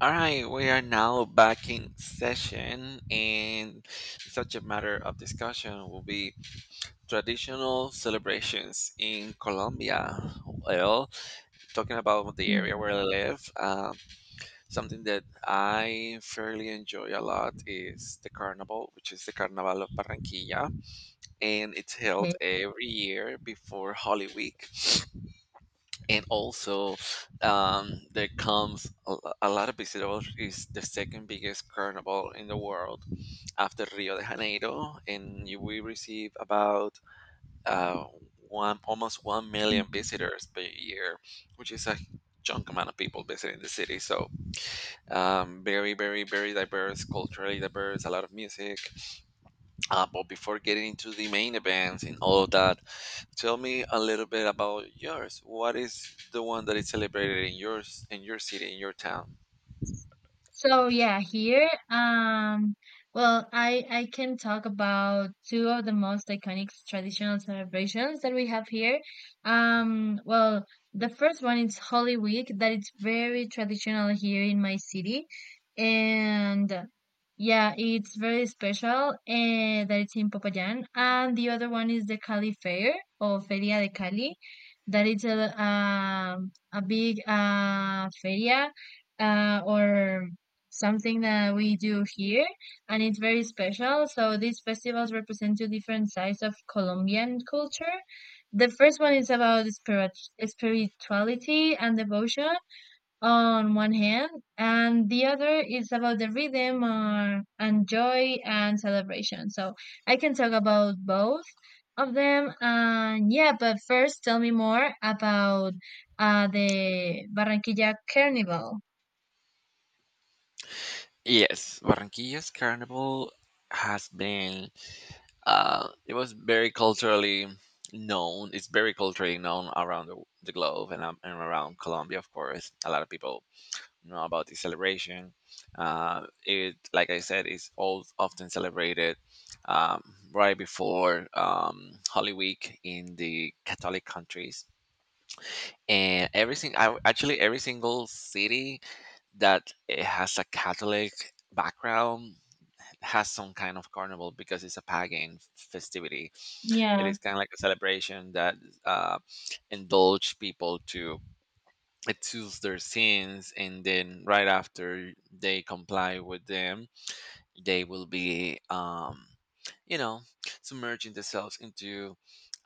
All right, we are now back in session, and such a matter of discussion will be traditional celebrations in Colombia. Well, talking about the area Yeah, where I live, something that I fairly enjoy a lot is the carnival, which is the Carnaval of Barranquilla, and it's held okay. every year before Holy Week. And also there comes a lot of visitors. Is the second biggest carnival in the world after Rio de Janeiro, and you will receive about uh, one almost 1 million visitors per year, which is a chunk amount of people visiting the city. So very very diverse, culturally diverse, a lot of music. But before getting into the main events and all of that, tell me a little bit about yours. What is the one that is celebrated in your city, in your town? So yeah, here, um, well, I can talk about two of the most iconic traditional celebrations that we have here. Um, well, the first one is Holy Week, that it's very traditional here in my city, and yeah, it's very special. And that it's in Popayán, and the other one is the Cali Fair or Feria de Cali, that it's a big feria, or something that we do here, and it's very special. So these festivals represent two different sides of Colombian culture. The first one is about spirituality and devotion on one hand, and the other is about the rhythm and joy and celebration. So I can talk about both of them. And yeah, but first tell me more about the Barranquilla Carnival. Yes, Barranquilla's carnival has been it was very culturally known. It's very culturally known around the globe and around Colombia, of course. A lot of people know about the celebration. It, like I said, is all often celebrated, um, right before Holy Week in the Catholic countries. And actually, every single city that has a Catholic background has some kind of carnival because it's a pagan festivity. It Yeah, is kind of like a celebration that uh, indulge people to excuse their sins, and then right after they comply with them, they will be, you know submerging themselves into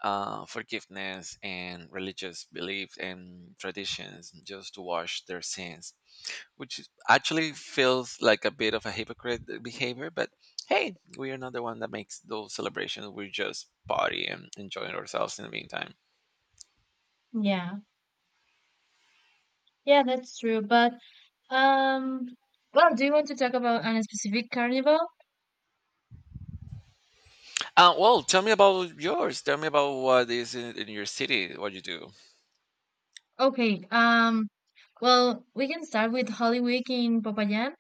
forgiveness and religious beliefs and traditions, just to wash their sins, which is- actually feels like a bit of a hypocrite behavior. But hey, we are not the one that makes those celebrations. We just party and enjoying ourselves in the meantime. yeah. Yeah, that's true. Um, do you want to talk about a specific carnival? Well, tell me about yours. Tell me about what is in your city, what you do. Okay. We can start with Holy Week in Popayan.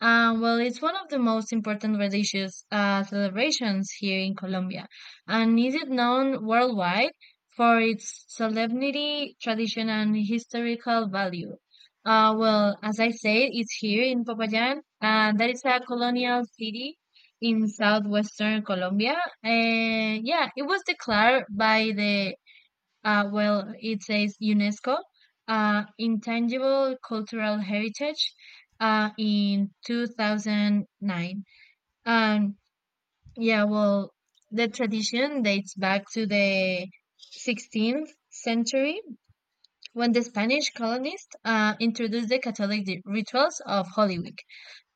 It's one of the most important religious celebrations here in Colombia, and is it known worldwide for its solemnity, tradition, and historical value. As I said, it's here in Popayan, and that is a colonial city in southwestern Colombia. And yeah, it was declared by the it says UNESCO Intangible Cultural Heritage in 2009. Um, yeah, well, the tradition dates back to the 16th century when the Spanish colonists introduced the Catholic rituals of Holy Week.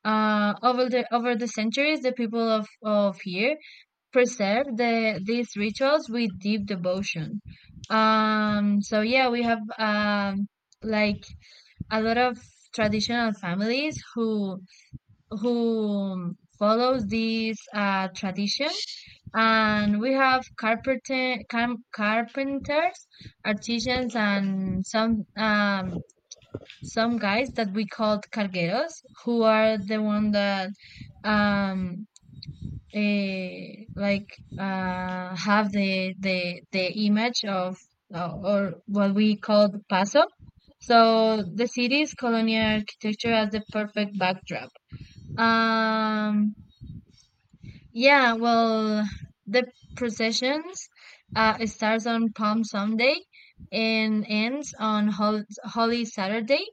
Over the centuries, the people of here preserve these rituals with deep devotion. We have like a lot of traditional families who follows this tradition, and we have carpenters, artisans, and some guys that we called cargueros, who are the one that um uh, like have the image of or what we call the paso. So the city's colonial architecture has the perfect backdrop. Um, yeah, well, the processions it starts on Palm Sunday and ends on Holy Saturday.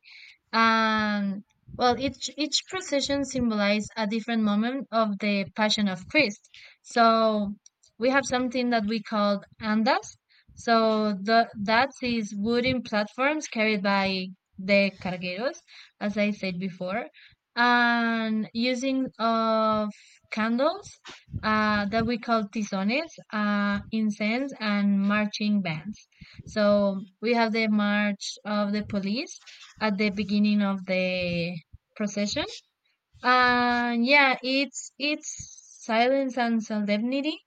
Um, each procession symbolizes a different moment of the Passion of Christ. So we have something that we call andas. So the that is wooden platforms carried by the cargueros, as I said before, and using of candles that we call tizones, incense, and marching bands. So we have the march of the police at the beginning of the procession. And yeah, it's silence and solemnity.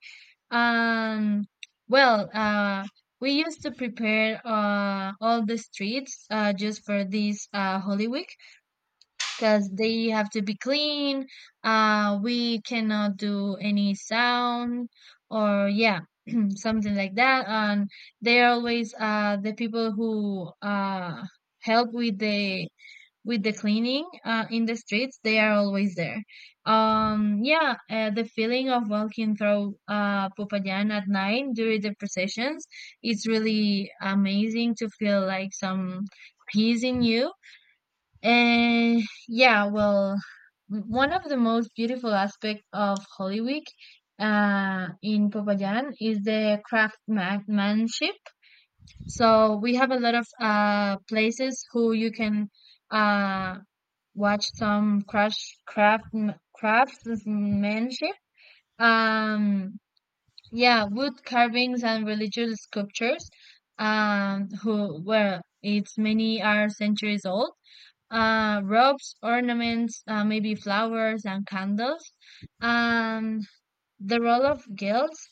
And well, uh, we used to prepare all the streets just for this Holy Week because they have to be clean. We cannot do any sound or yeah, something like that. And they are always the people who help with the cleaning in the streets, they are always there. Yeah the feeling of walking through Popayan at night during the processions, it's really amazing, to feel like some peace in you. And yeah well One of the most beautiful aspects of Holy Week in Popayan is the craftsmanship. So we have a lot of places who you can uh watch some crash craftsm craftsmanship. Um, yeah, wood carvings and religious sculptures. Who Well, it's many are centuries old. Robes, ornaments, maybe flowers and candles. Um, the role of guilds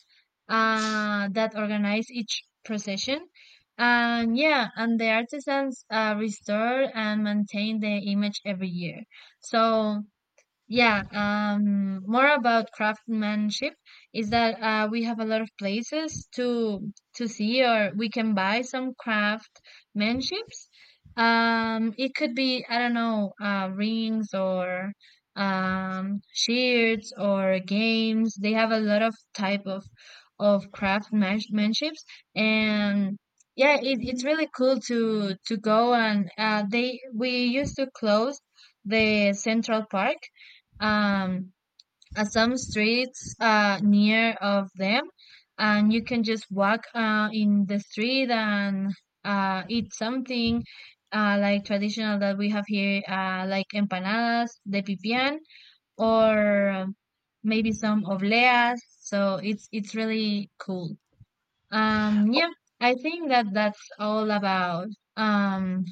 that organize each procession. And yeah, and the artisans restore and maintain the image every year. So yeah, more about craftsmanship is that we have a lot of places to see, or we can buy some craftsmanships. It could be, I don't know, rings or shields or games. They have a lot of type of craftsmanships, and yeah, it, it's really cool to go. And They, we used to close the Central Park, um some streets near of them, and you can just walk in the street and eat something like traditional that we have here, like empanadas de pipián or maybe some obleas. So it's really cool. um yeah I think that that's all about um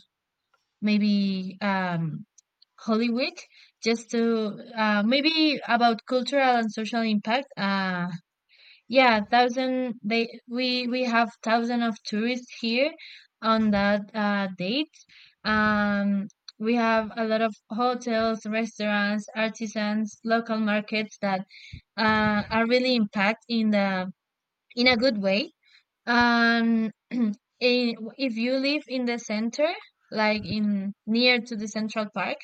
maybe Hollywood, just to maybe about cultural and social impact. Yeah, thousand they we have thousand of tourists here on that date. Um, we have a lot of hotels, restaurants, artisans, local markets that are really impact in the in a good way. Um, i- if you live in the center, like in near to the Central Park,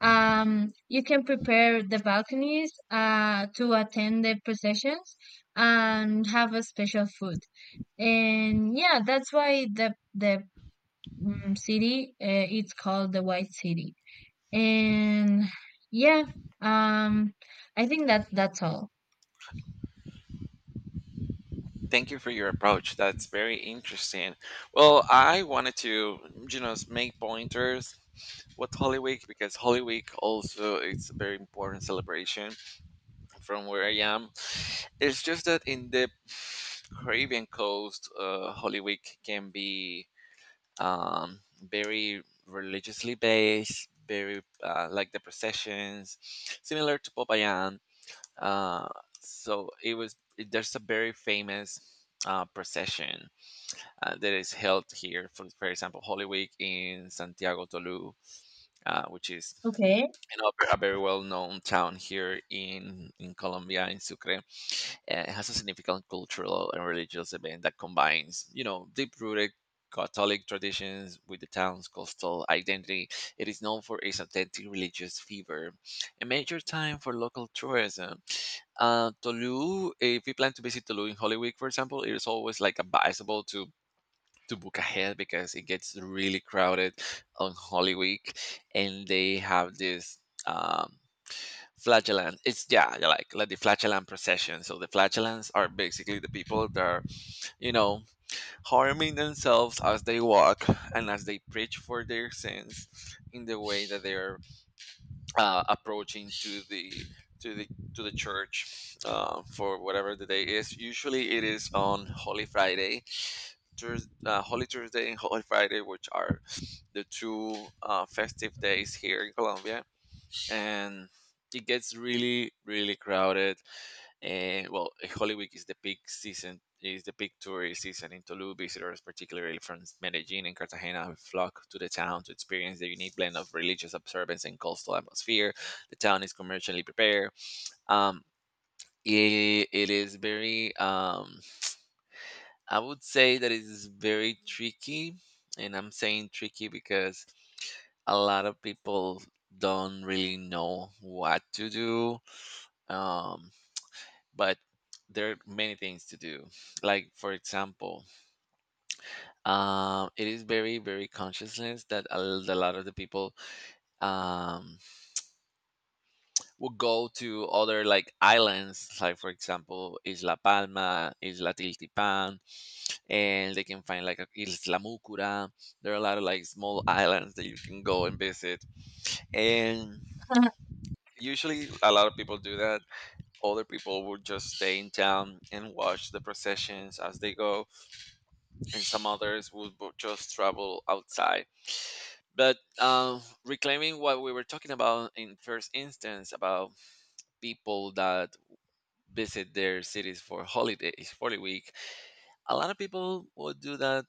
you can prepare the balconies to attend the processions and have a special food. And yeah, that's why the city, it's called the White City. And yeah, um, I think that that's all. Thank you for your approach. That's very interesting. Well, I wanted to, you know, make pointers with Holy Week, because Holy Week also is a very important celebration from where I am. It's just that in the Caribbean coast, Holy Week can be, very religiously based, very like the processions, similar to Popayan. Uh, so it was. There's a very famous procession that is held here, for example, Holy Week in Santiago Tolu, which is, Okay. you know, a very well-known town here in Colombia, in Sucre. Uh, It has a significant cultural and religious event that combines, you know, deep-rooted Catholic traditions with the town's coastal identity. It is known for its authentic religious fever, a major time for local tourism. Tolu, if you plan to visit Tolu in Holy Week, for example, it is always like advisable to book ahead because it gets really crowded on Holy Week, and they have this um, flagellant. It's yeah, yeah, like the flagellant procession. So the flagellants are basically the people that are, you know, harming themselves as they walk and as they preach for their sins in the way that they're approaching to the to the to the church for whatever the day is. Usually it is on Holy Friday, Thurs Holy Thursday and Holy Friday, which are the two festive days here in Colombia, and it gets really, really crowded. And well, Holy Week is the peak season, is the peak tourist season in Tolu. Visitors, particularly from Medellin and Cartagena, flock to the town to experience the unique blend of religious observance and coastal atmosphere. The town is commercially prepared. Um, it, it is very, I would say that it is very tricky, and I'm saying tricky because a lot of people don't really know what to do. Um, but there are many things to do. Like for example, it is very very consciousness that a lot of the people, um, will go to other like islands. Like for example, Isla Palma, Isla Tiltipan, and they can find like a Isla Mucura. There are a lot of like small islands that you can go and visit, and usually a lot of people do that. Other people would just stay in town and watch the processions as they go, and some others would just travel outside. But reclaiming what we were talking about in first instance about people that visit their cities for holidays, for the week, a lot of people would do that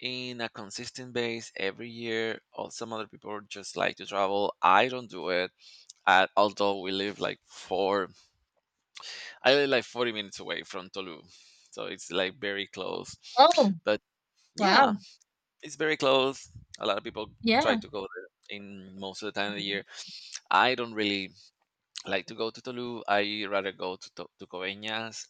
in a consistent base every year. Or some other people just like to travel. I don't do it. Although we live like four, I live like 40 minutes away from Tolu, so it's like very close. Oh, But yeah, wow. it's very close. A lot of people try Yeah. to go there in most of the time of the year. I don't really like to go to Tulum. I rather go to Coveñas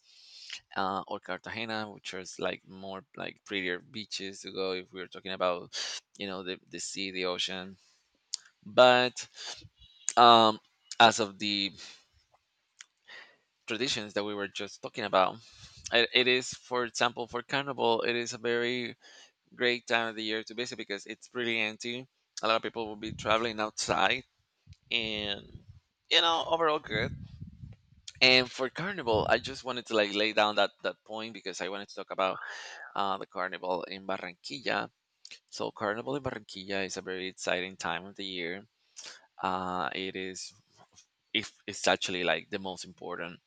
or Cartagena, which is like more like prettier beaches to go if we're talking about, you know, the sea, the ocean. But um, as of the traditions that we were just talking about. It is, for example, for Carnival, it is a very great time of the year to visit because it's pretty empty. A lot of people will be traveling outside, and you know, overall good. And for carnival, I just wanted to like lay down that point because I wanted to talk about the carnival in Barranquilla. So carnival in Barranquilla is a very exciting time of the year. It is, if it's actually like the most important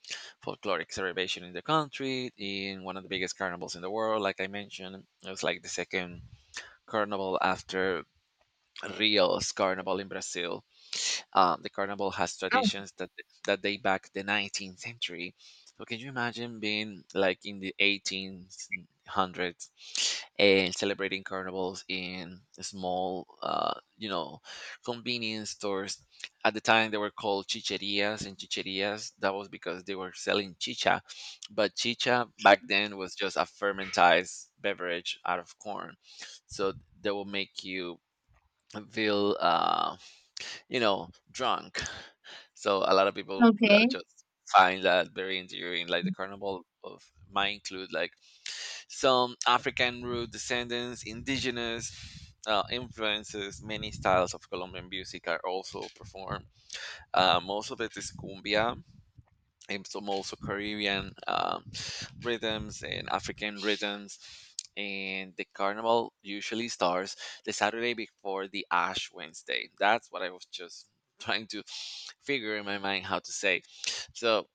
folkloric celebration in the country, in one of the biggest carnivals in the world. Like I mentioned, it was like the second carnival after Rio's carnival in Brazil. The carnival has Wow. traditions that date back the 19th century. So can you imagine being like in the 1800s and celebrating carnivals in small, you know, convenience stores? At the time, they were called chicherias and chicherias. That was because they were selling chicha, but chicha back then was just a fermented beverage out of corn. So they will make you feel, you know, drunk. So a lot of people Okay. just find that very endearing. Like the carnival of might include like some African root descendants, indigenous influences. Many styles of Colombian music are also performed. Most of it is cumbia, and some also Caribbean rhythms and African rhythms. And the carnival usually starts the Saturday before the Ash Wednesday. That's what I was just trying to figure in my mind how to say. So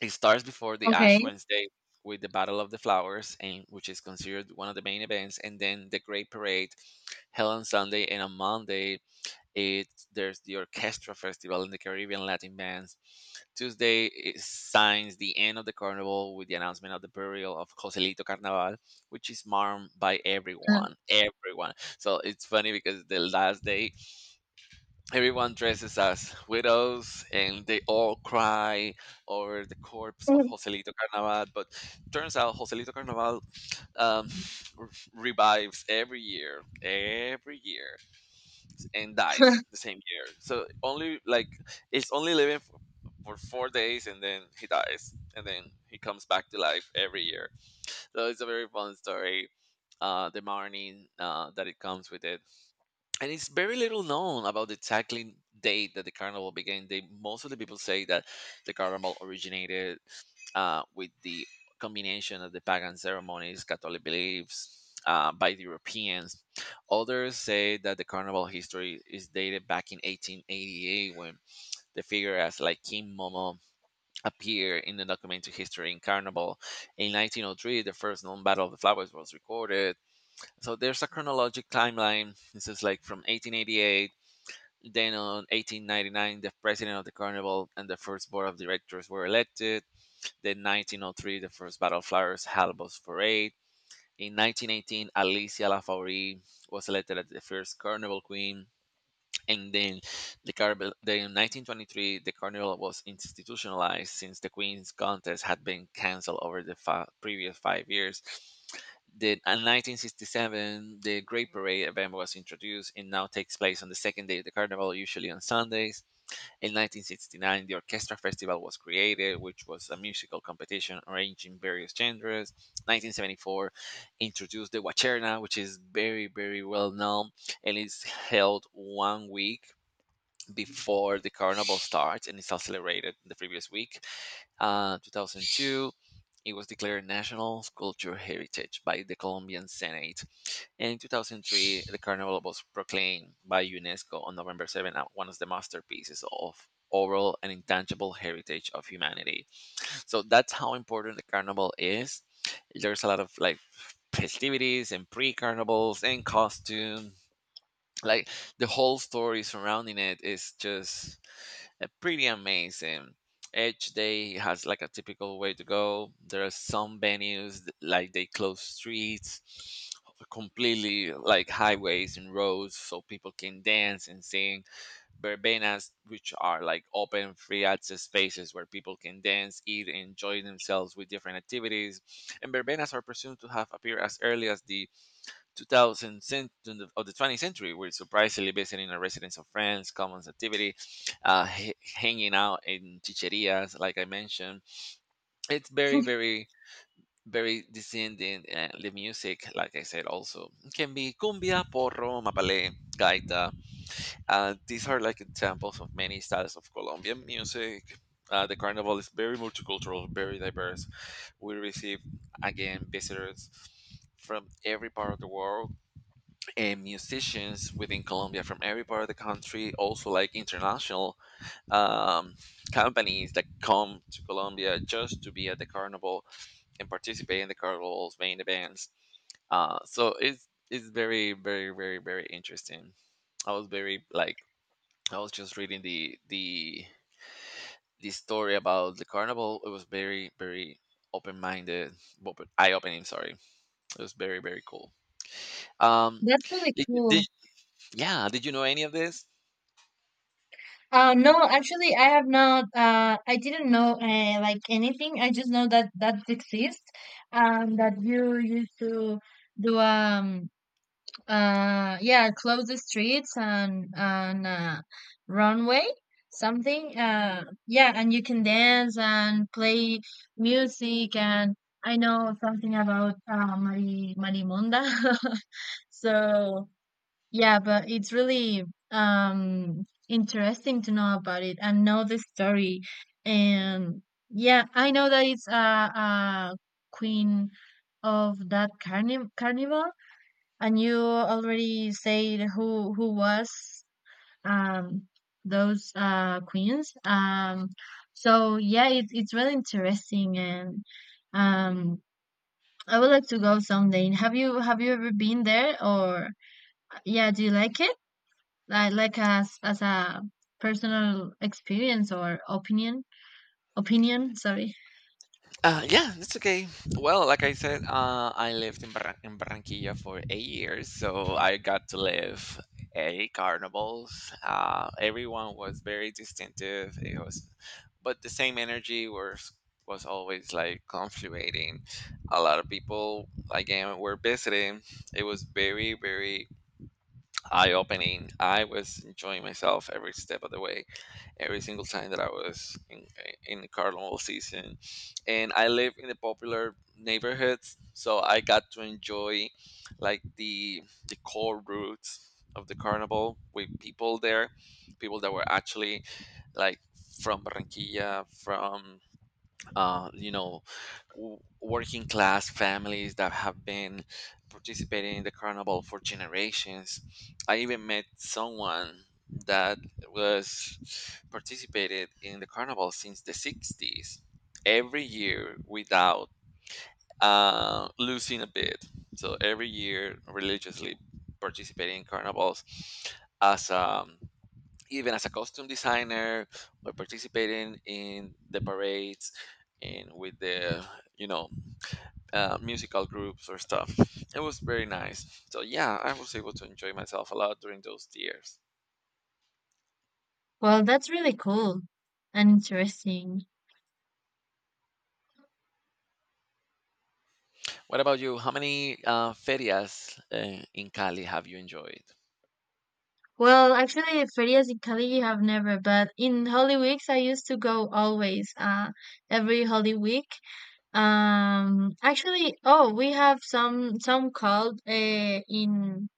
it starts before the Okay. Ash Wednesday with the Battle of the Flowers, and which is considered one of the main events, and then the Great Parade held on Sunday. And on Monday, it's there's the Orchestra Festival and the Caribbean Latin Bands. Tuesday is, signs the end of the carnival with the announcement of the burial of Joselito Carnaval, which is marked by Uh, everyone, everyone. So it's funny because the last day everyone dresses as widows and they all cry over the corpse of Joselito Carnaval. But turns out Joselito Carnaval, um, revives every year, every year, and dies the same year. So only like it's only living for 4 days and then he dies and then he comes back to life every year. So it's a very fun story. The morning that it comes with it, and it's very little known about the exactly date that the carnival began. They most of the people say that the carnival originated with the combination of the pagan ceremonies, Catholic beliefs by the Europeans. Others say that the carnival history is dated back in 1888, when the figure as like King Momo appeared in the documentary history in carnival. In 1903, the first known Battle of the Flowers was recorded. So there's a chronologic timeline. This is like from 1888, then, on 1899, the president of the carnival and the first board of directors were elected. Then, 1903, the first battle flyers, Halbos Parade. In 1918, Alicia Lafaure was elected as the first carnival queen. And then the Carmel, then in 1923, the carnival was institutionalized since the Queen's contest had been canceled over the previous 5 years. The in 1967, the Great Parade event was introduced and now takes place on the second day of the carnival, usually on Sundays. In 1969, the Orchestra Festival was created, which was a musical competition arranging various genres. 1974 introduced the Wacherna, which is very, very well known, and it's held 1 week before the carnival starts and is celebrated the previous week. 2002, it was declared National Cultural Heritage by the Colombian Senate. And in 2003, the carnival was proclaimed by UNESCO on November 7 as one of the masterpieces of oral and intangible heritage of humanity. So that's how important the carnival is. There's a lot of festivities and pre-carnivals and costume. Like the whole story surrounding it is just pretty amazing. Each day has like a typical way to go. There are some venues like they close streets completely, like highways and roads, so people can dance and sing. Verbenas, which are like open, free access spaces where people can dance, eat, and enjoy themselves with different activities. And verbenas are presumed to have appeared as early as the 2000th cent- of the 20th century, were surprisingly visiting a residence of friends, commons activity, hanging out in chicherias, like I mentioned. It's very, very, very descending. The music, like I said, also can be cumbia, porro, mapalé, gaita. These are like examples of many styles of Colombian music. The carnival is very multicultural, very diverse. We receive again visitors from every part of the world and musicians within Colombia from every part of the country, also like international um, companies that come to Colombia just to be at the carnival and participate in the carnival's main events. So it's very very very very interesting. I was very I was just reading the story about the carnival. It was very very open minded, eye opening. Sorry, it was very very cool. Um, that's really did, you- did, cool. yeah, did you know any of this? No, actually, I have not. I didn't know anything. I just know that that exists, that you used to do yeah close the streets, and runway something. Yeah and you can dance and play music. And I know something about Marimunda. So yeah, but it's really interesting to know about it and know the story. And yeah, I know that it's a queen of that carnival, and you already said who was um those queens. It's really interesting, and um I would like to go someday. Have you ever been there? Or yeah, do you like it? Like as a personal experience or opinion opinion sorry Yeah, that's okay. Well, like I said, uh, I lived in in Barranquilla for 8 years, so I got to live eight carnivals. Everyone was very distinctive. But the same energy was always like confluating. A lot of people again were visiting. It was very very eye opening. I was enjoying myself every step of the way, every single time that I was in the carnival season. And I live in the popular neighborhoods, so I got to enjoy like the the core roots of the carnival with people there, people that were actually like from Barranquilla, from you know, working class families that have been participating in the carnival for generations. I even met someone that was participated in the carnival since the 60s every year without losing a bit. So every year religiously participating in carnivals as a, even as a costume designer or participating in the parades and with the, you know, musical groups or stuff. It was very nice, so yeah, I was able to enjoy myself a lot during those years. Well, that's really cool and interesting. What about you, how many ferias in Cali have you enjoyed? Well, actually, ferias in Cali, have never, but in Holy Weeks I used to go always. Every Holy Week. Actually, oh, we have some called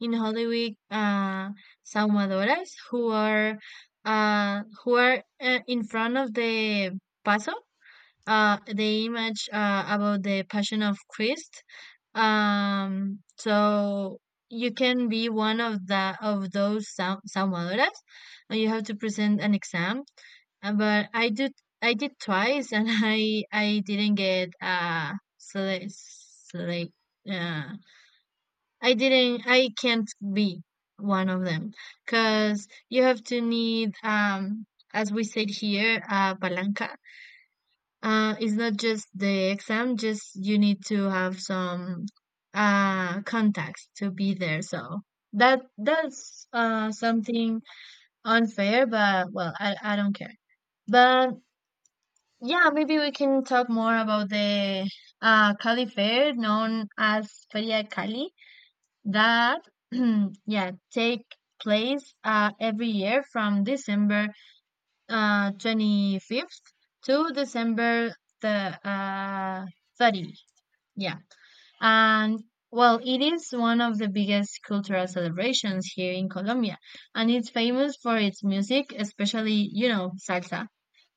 in Holy Week saumadoras, who are in front of the paso, the image about the Passion of Christ. So you can be one of the of those salvadoras, and you have to present an exam. But I did twice, and I didn't get select. Uh, I didn't. I can't be one of them because you have to need as we said here palanca. It's not just the exam, just you need to have some contacts to be there. So that that's something unfair, but well, I don't care. But yeah, maybe we can talk more about the Cali Fair, known as Feria Cali, that yeah take place every year from December 25th to December the 30th. Yeah. And well, it is one of the biggest cultural celebrations here in Colombia, and it's famous for its music, especially, you know, salsa.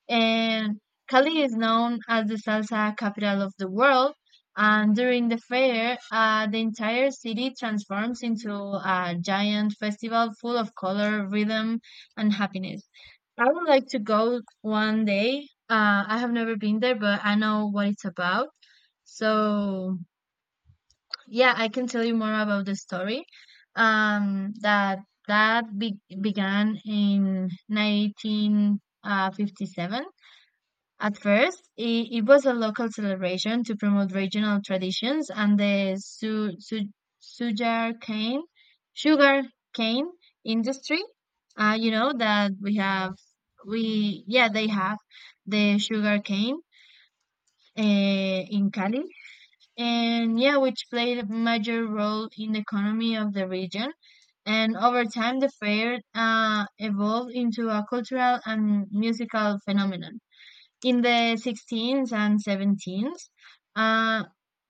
And Cali is known as the salsa capital of the world, and during the fair, the entire city transforms into a giant festival full of color, rhythm, and happiness. I would like to go one day. I have never been there, but I know what it's about. So yeah, I can tell you more about the story. Um, that that be began in 1957. At first, it was a local celebration to promote regional traditions, and the su su sugar cane, sugar cane industry. You know that we have, we yeah, they have the sugar cane in Cali, and yeah, which played a major role in the economy of the region. And over time, the fair evolved into a cultural and musical phenomenon in the 16s and 17s, uh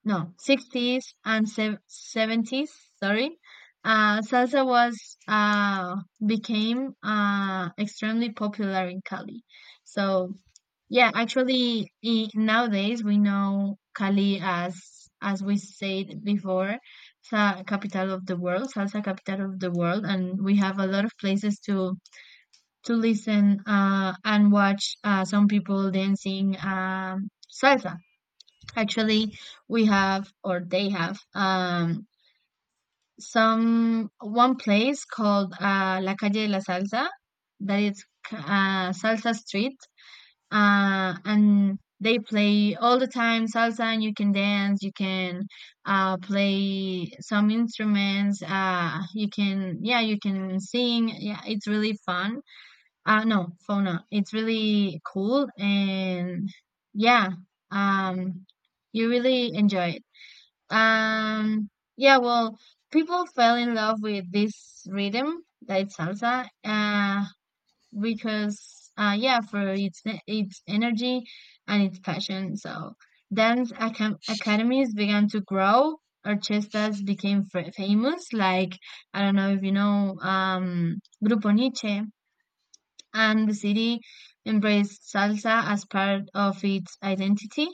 no 60s and sev 70s, sorry. Salsa was became extremely popular in Cali. So yeah, actually, I, nowadays we know Cali as we said before, sa capital of the world, salsa capital of the world. And we have a lot of places to listen and watch some people dancing salsa. Actually, we have or they have some one place called La Calle de la Salsa, that is Salsa Street, and they play all the time salsa, and you can dance, you can play some instruments, you can yeah, you can sing. Yeah, it's really fun no, fauna. It's really cool, and yeah, um, you really enjoy it. Um, yeah, well, people fell in love with this rhythm that it's salsa, because yeah, for its energy and its passion. So dance acam academies began to grow. Orchestras became fa famous, like, I don't know if you know, Grupo Nietzsche, and the city embraced salsa as part of its identity.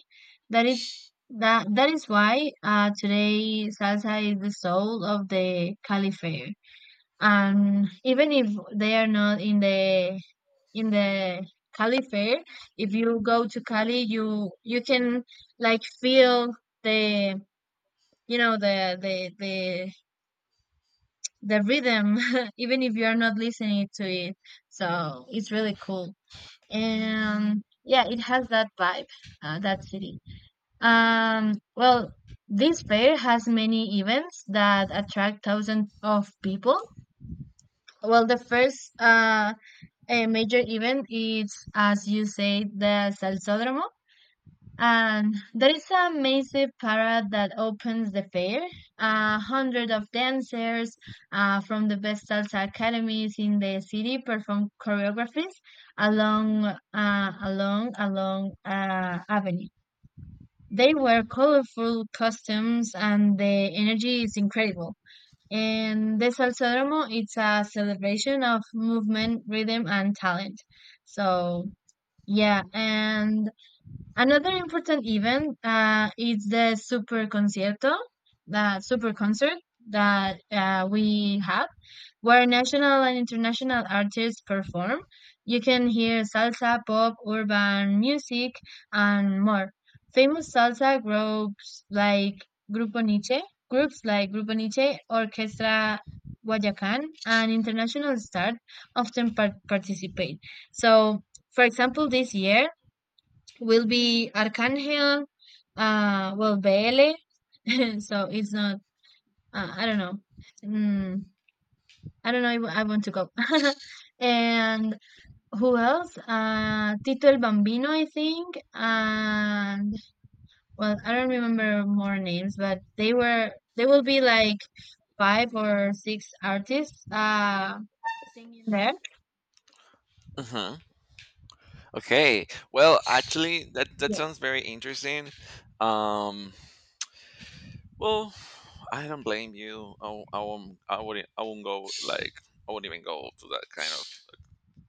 That it that That is why today salsa is the soul of the caliphate. And even if they are not in the caliphate, if you go to Cali, you can like feel the you know the rhythm even if you are not listening to it. So it's really cool. And yeah, it has that vibe, that city. Well, this fair has many events that attract thousands of people. Well, the first major event is, as you say, the Salsódromo. And there is a massive parade that opens the fair. 100 of dancers from the best salsa academies in the city perform choreographies along avenue. They wear colorful costumes, and the energy is incredible. And the Salsódromo it's a celebration of movement, rhythm, and talent. So yeah, and another important event is the Super Concierto, the Super Concert that we have, where national and international artists perform. You can hear salsa, pop, urban music, and more. Famous salsa groups like Grupo Nietzsche, groups like Grupo Nietzsche, Orquestra Guayacán, and international stars often participate. So, for example, this year, will be Arcángel, well, Bele, so it's not, I don't know. Mm, I don't know if I want to go. And who else? Tito el Bambino, I think. And, well, I don't remember more names, but they will be like five or six artists singing there. Hmm, okay, well actually that that Yeah. sounds very interesting. um well, I don't blame you. I won't go, I won't even go to that kind of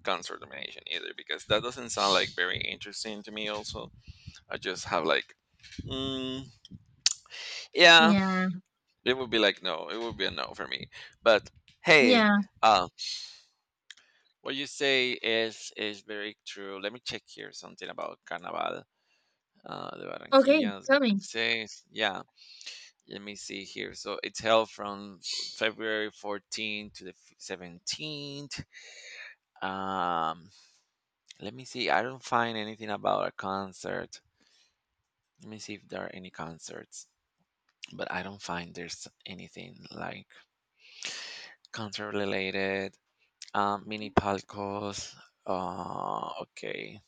concert nomination either, because that doesn't sound like very interesting to me also. I just have like, mm, yeah, Yeah. it would be like no, it would be a no for me. But hey, Yeah. uh, what you say is very true. Let me check here something about carnaval, the Okay. Barranquillas, Tell maybe it me. says. Yeah, let me see here. So it's held from February 14th to the 17th. Um, Let me see. I don't find anything about a concert. Let me see if there are any concerts, but I don't find there's anything like concert related. Mini palcos. Okay,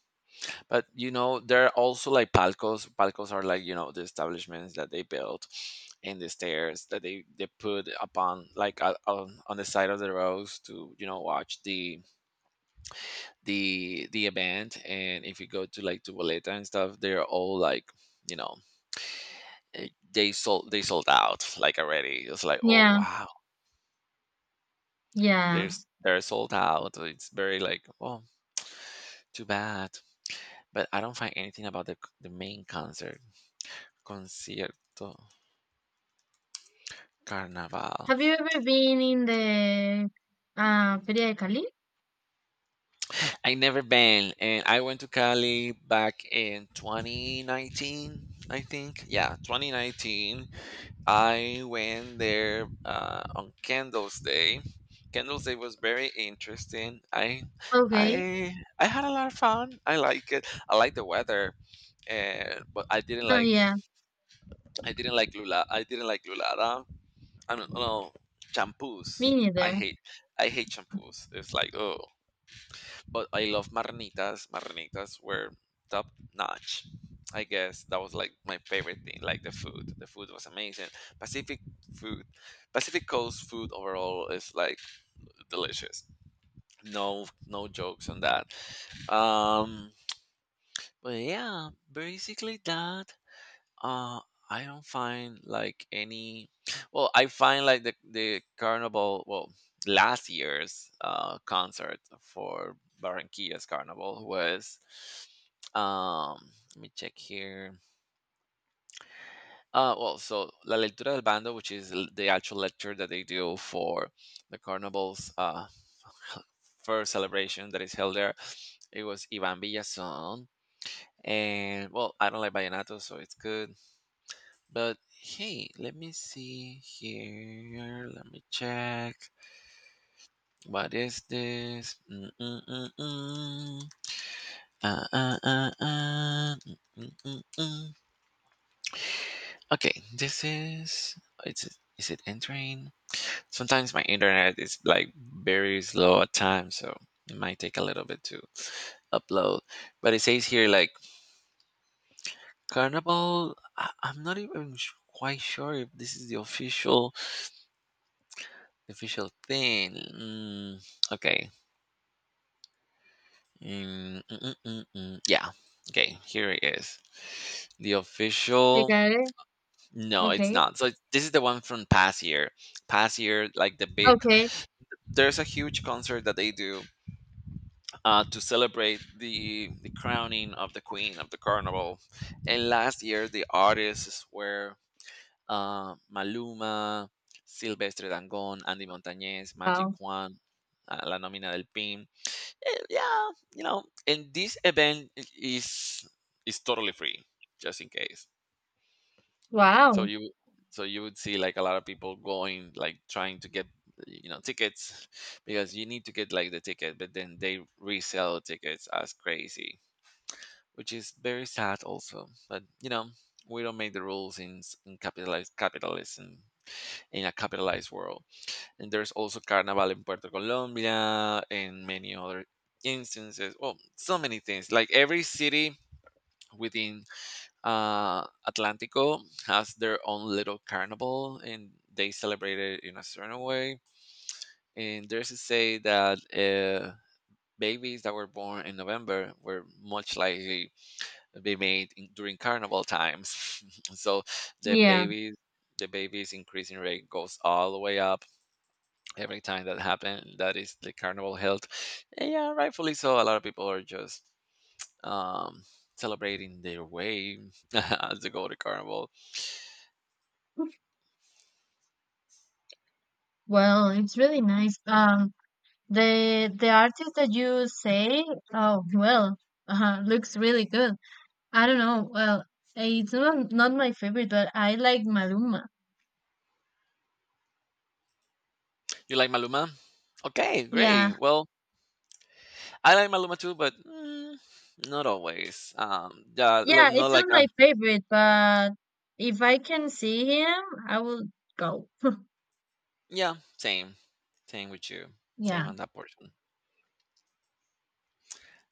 but you know there are also like palcos. Palcos are like, you know, the establishments that they built in the stairs that they put upon, like on the side of the roads to, you know, watch the event. And if you go to like to Valeta and stuff, they're all like, you know, uh, they sold out like already. It's like, oh Yeah. wow, Yeah. there's they're sold out. It's very like, oh, too bad. But I don't find anything about the main concert, concierto carnaval. Have you ever been in the Feria de Cali? I never been, and I went to Cali back in 2019, I think. Yeah, 2019 I went there on Candles Day. Candles Day was very interesting. Okay. I I had a lot of fun. I like it. I like the weather. And But I didn't Oh like, yeah, I didn't like lula I didn't like lulada. I don't know, shampoos. me I neither. hate I hate shampoos. It's like, oh, but I love marnitas. Marnitas were top notch. I guess that was like my favorite thing, like the food. The food was amazing. Pacific food, Pacific Coast food overall is like delicious. No, no jokes on that. Um, but yeah, basically that. Uh, I don't find like any. Well, I find like the carnival. Well, last year's concert for Barranquilla's carnival was. Um, Let me check here. Well, so La Lectura del Bando, which is the actual lecture that they do for the carnival's first celebration that is held there, it was Ivan Villazón. And well, I don't like vallenato, so it's good. But hey, let me see here. Let me check. What is this? Mm-mm-mm-mm. Uh, uh, uh, uh. Mm-mm-mm-mm. Okay, this is. It's, is it entering? Sometimes my internet is like very slow at times, so it might take a little bit to upload. But it says here like Carnival. I'm not even quite sure if this is the official, official thing. Okay. Mm. Yeah. Okay. Here it is. The You official. got it? No, it's Okay. not. So this is the one from past year. Past year, like the big. Okay. There's a huge concert that they do to celebrate the crowning of the queen of the carnival. And last year, the artists were Maluma, Silvestre Dangond, Andy Montañez, Magic Wow. Juan, La Nómina del Pin. Yeah, you know, and this event is totally free, just in case. So Wow. you so you would see like a lot of people going like trying to get, you know, tickets because you need to get like the ticket, but then they resell tickets as crazy, which is very sad also. But you know, we don't make the rules in in capitalized capitalism, in a capitalized world. And there's also Carnival in Puerto Colombia and many other instances. Well, so many things. Like every city within Atlantico has their own little carnival and they celebrate it in a certain way. And there's a say that babies that were born in November were much likely to be made during carnival times. So the Yeah. babies the babies increasing rate goes all the way up every time that happened, that is the carnival held. And yeah, rightfully so, a lot of people are just um celebrating their way as they go to carnival. Well, it's really nice. The artist that you say, oh well, looks really good. I don't know. Well, it's not not my favorite, but I like Maluma. You like Maluma? Okay, Yeah. great. Well, I like Maluma too, but not always. Yeah, Not it's like not a, my favorite, but if I can see him, I will go. yeah, same, same with you, same Yeah. on that portion,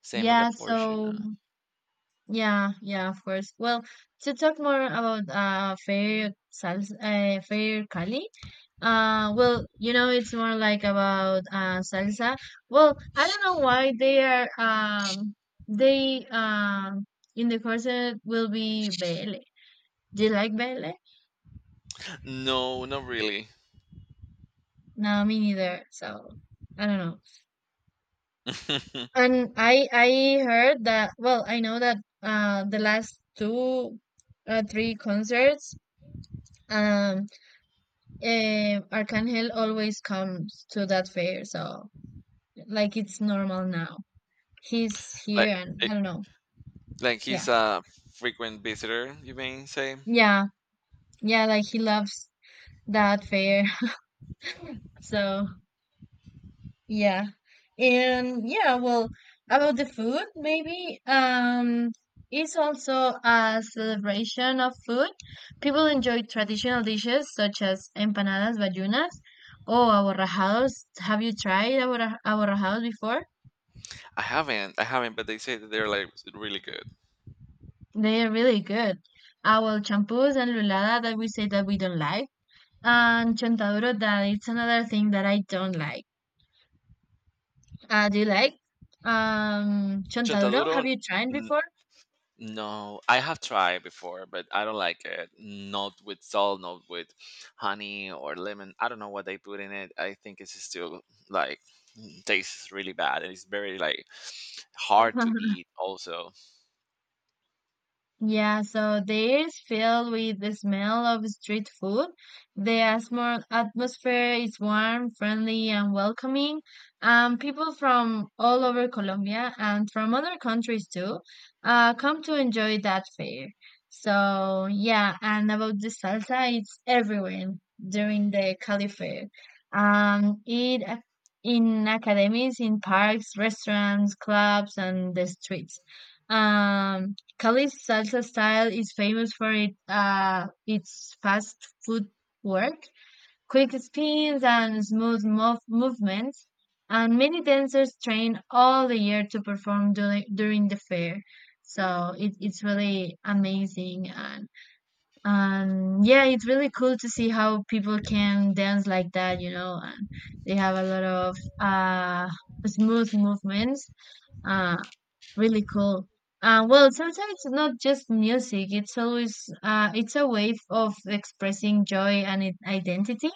same on Yeah, that portion. so yeah, yeah, of course. Well, to talk more about fair salsa, fair Cali. You know, it's more like about salsa. Well, I don't know why they in the corset will be baile. Do you like baile? No, not really. No, me neither. So I don't know. And I heard that. Well, I know that the last two three concerts um Arcangel always comes to that fair, so like it's normal now. He's here, like eh, and I don't know. like he's Yeah, a frequent visitor, you may say. yeah, yeah. Like he loves that fair, so yeah, and yeah. Well, about the food, maybe it's also a celebration of food. People enjoy traditional dishes such as empanadas vallunas or aborrajados. Have you tried aborrajados before? I haven't, but they say that they're like really good. They're really good. Our champús and lulada that we say that we don't like, and chontaduro that it's another thing that I don't like. Do you like chontaduro? Chontaduro, Have you tried n- before? no, I have tried before, but I don't like it. Not with salt, not with honey or lemon. I don't know what they put in it. I think it's still like tastes really bad, and it's very like hard to eat. Also, Yeah, so the air is filled with the smell of street food. The atmosphere is warm, friendly, and welcoming. People from all over Colombia and from other countries too come to enjoy that fair. So, yeah, and about the salsa, it's everywhere during the Cali fair. Um, it ac- in academies, in parks, restaurants, clubs, and the streets. Um, Cali's salsa style is famous for it, its fast footwork, quick spins, and smooth movements. And many dancers train all the year to perform during the fair. So it's really amazing. And yeah, it's really cool to see how people can dance like that, you know, and they have a lot of smooth movements. Uh, Really cool. Sometimes it's not just music. It's always it's a way of expressing joy and identity.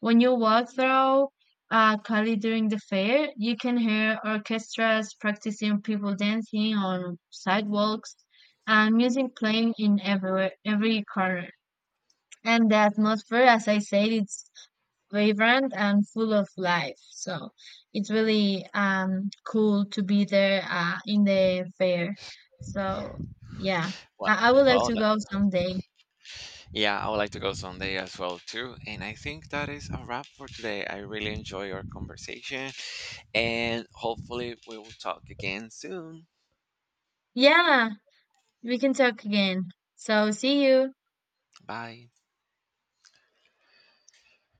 When you walk through Cali during the fair, you can hear orchestras practicing, people dancing on sidewalks, and music playing in everywhere, every corner. And the atmosphere, as I said, it's vibrant and full of life. So it's really cool to be there in the fair. So yeah, well, I would like well, to go that- someday. yeah, I would like to go someday as well too. And I think that is a wrap for today. I really enjoy our conversation, and hopefully we will talk again soon. Yeah, we can talk again. So see you. Bye.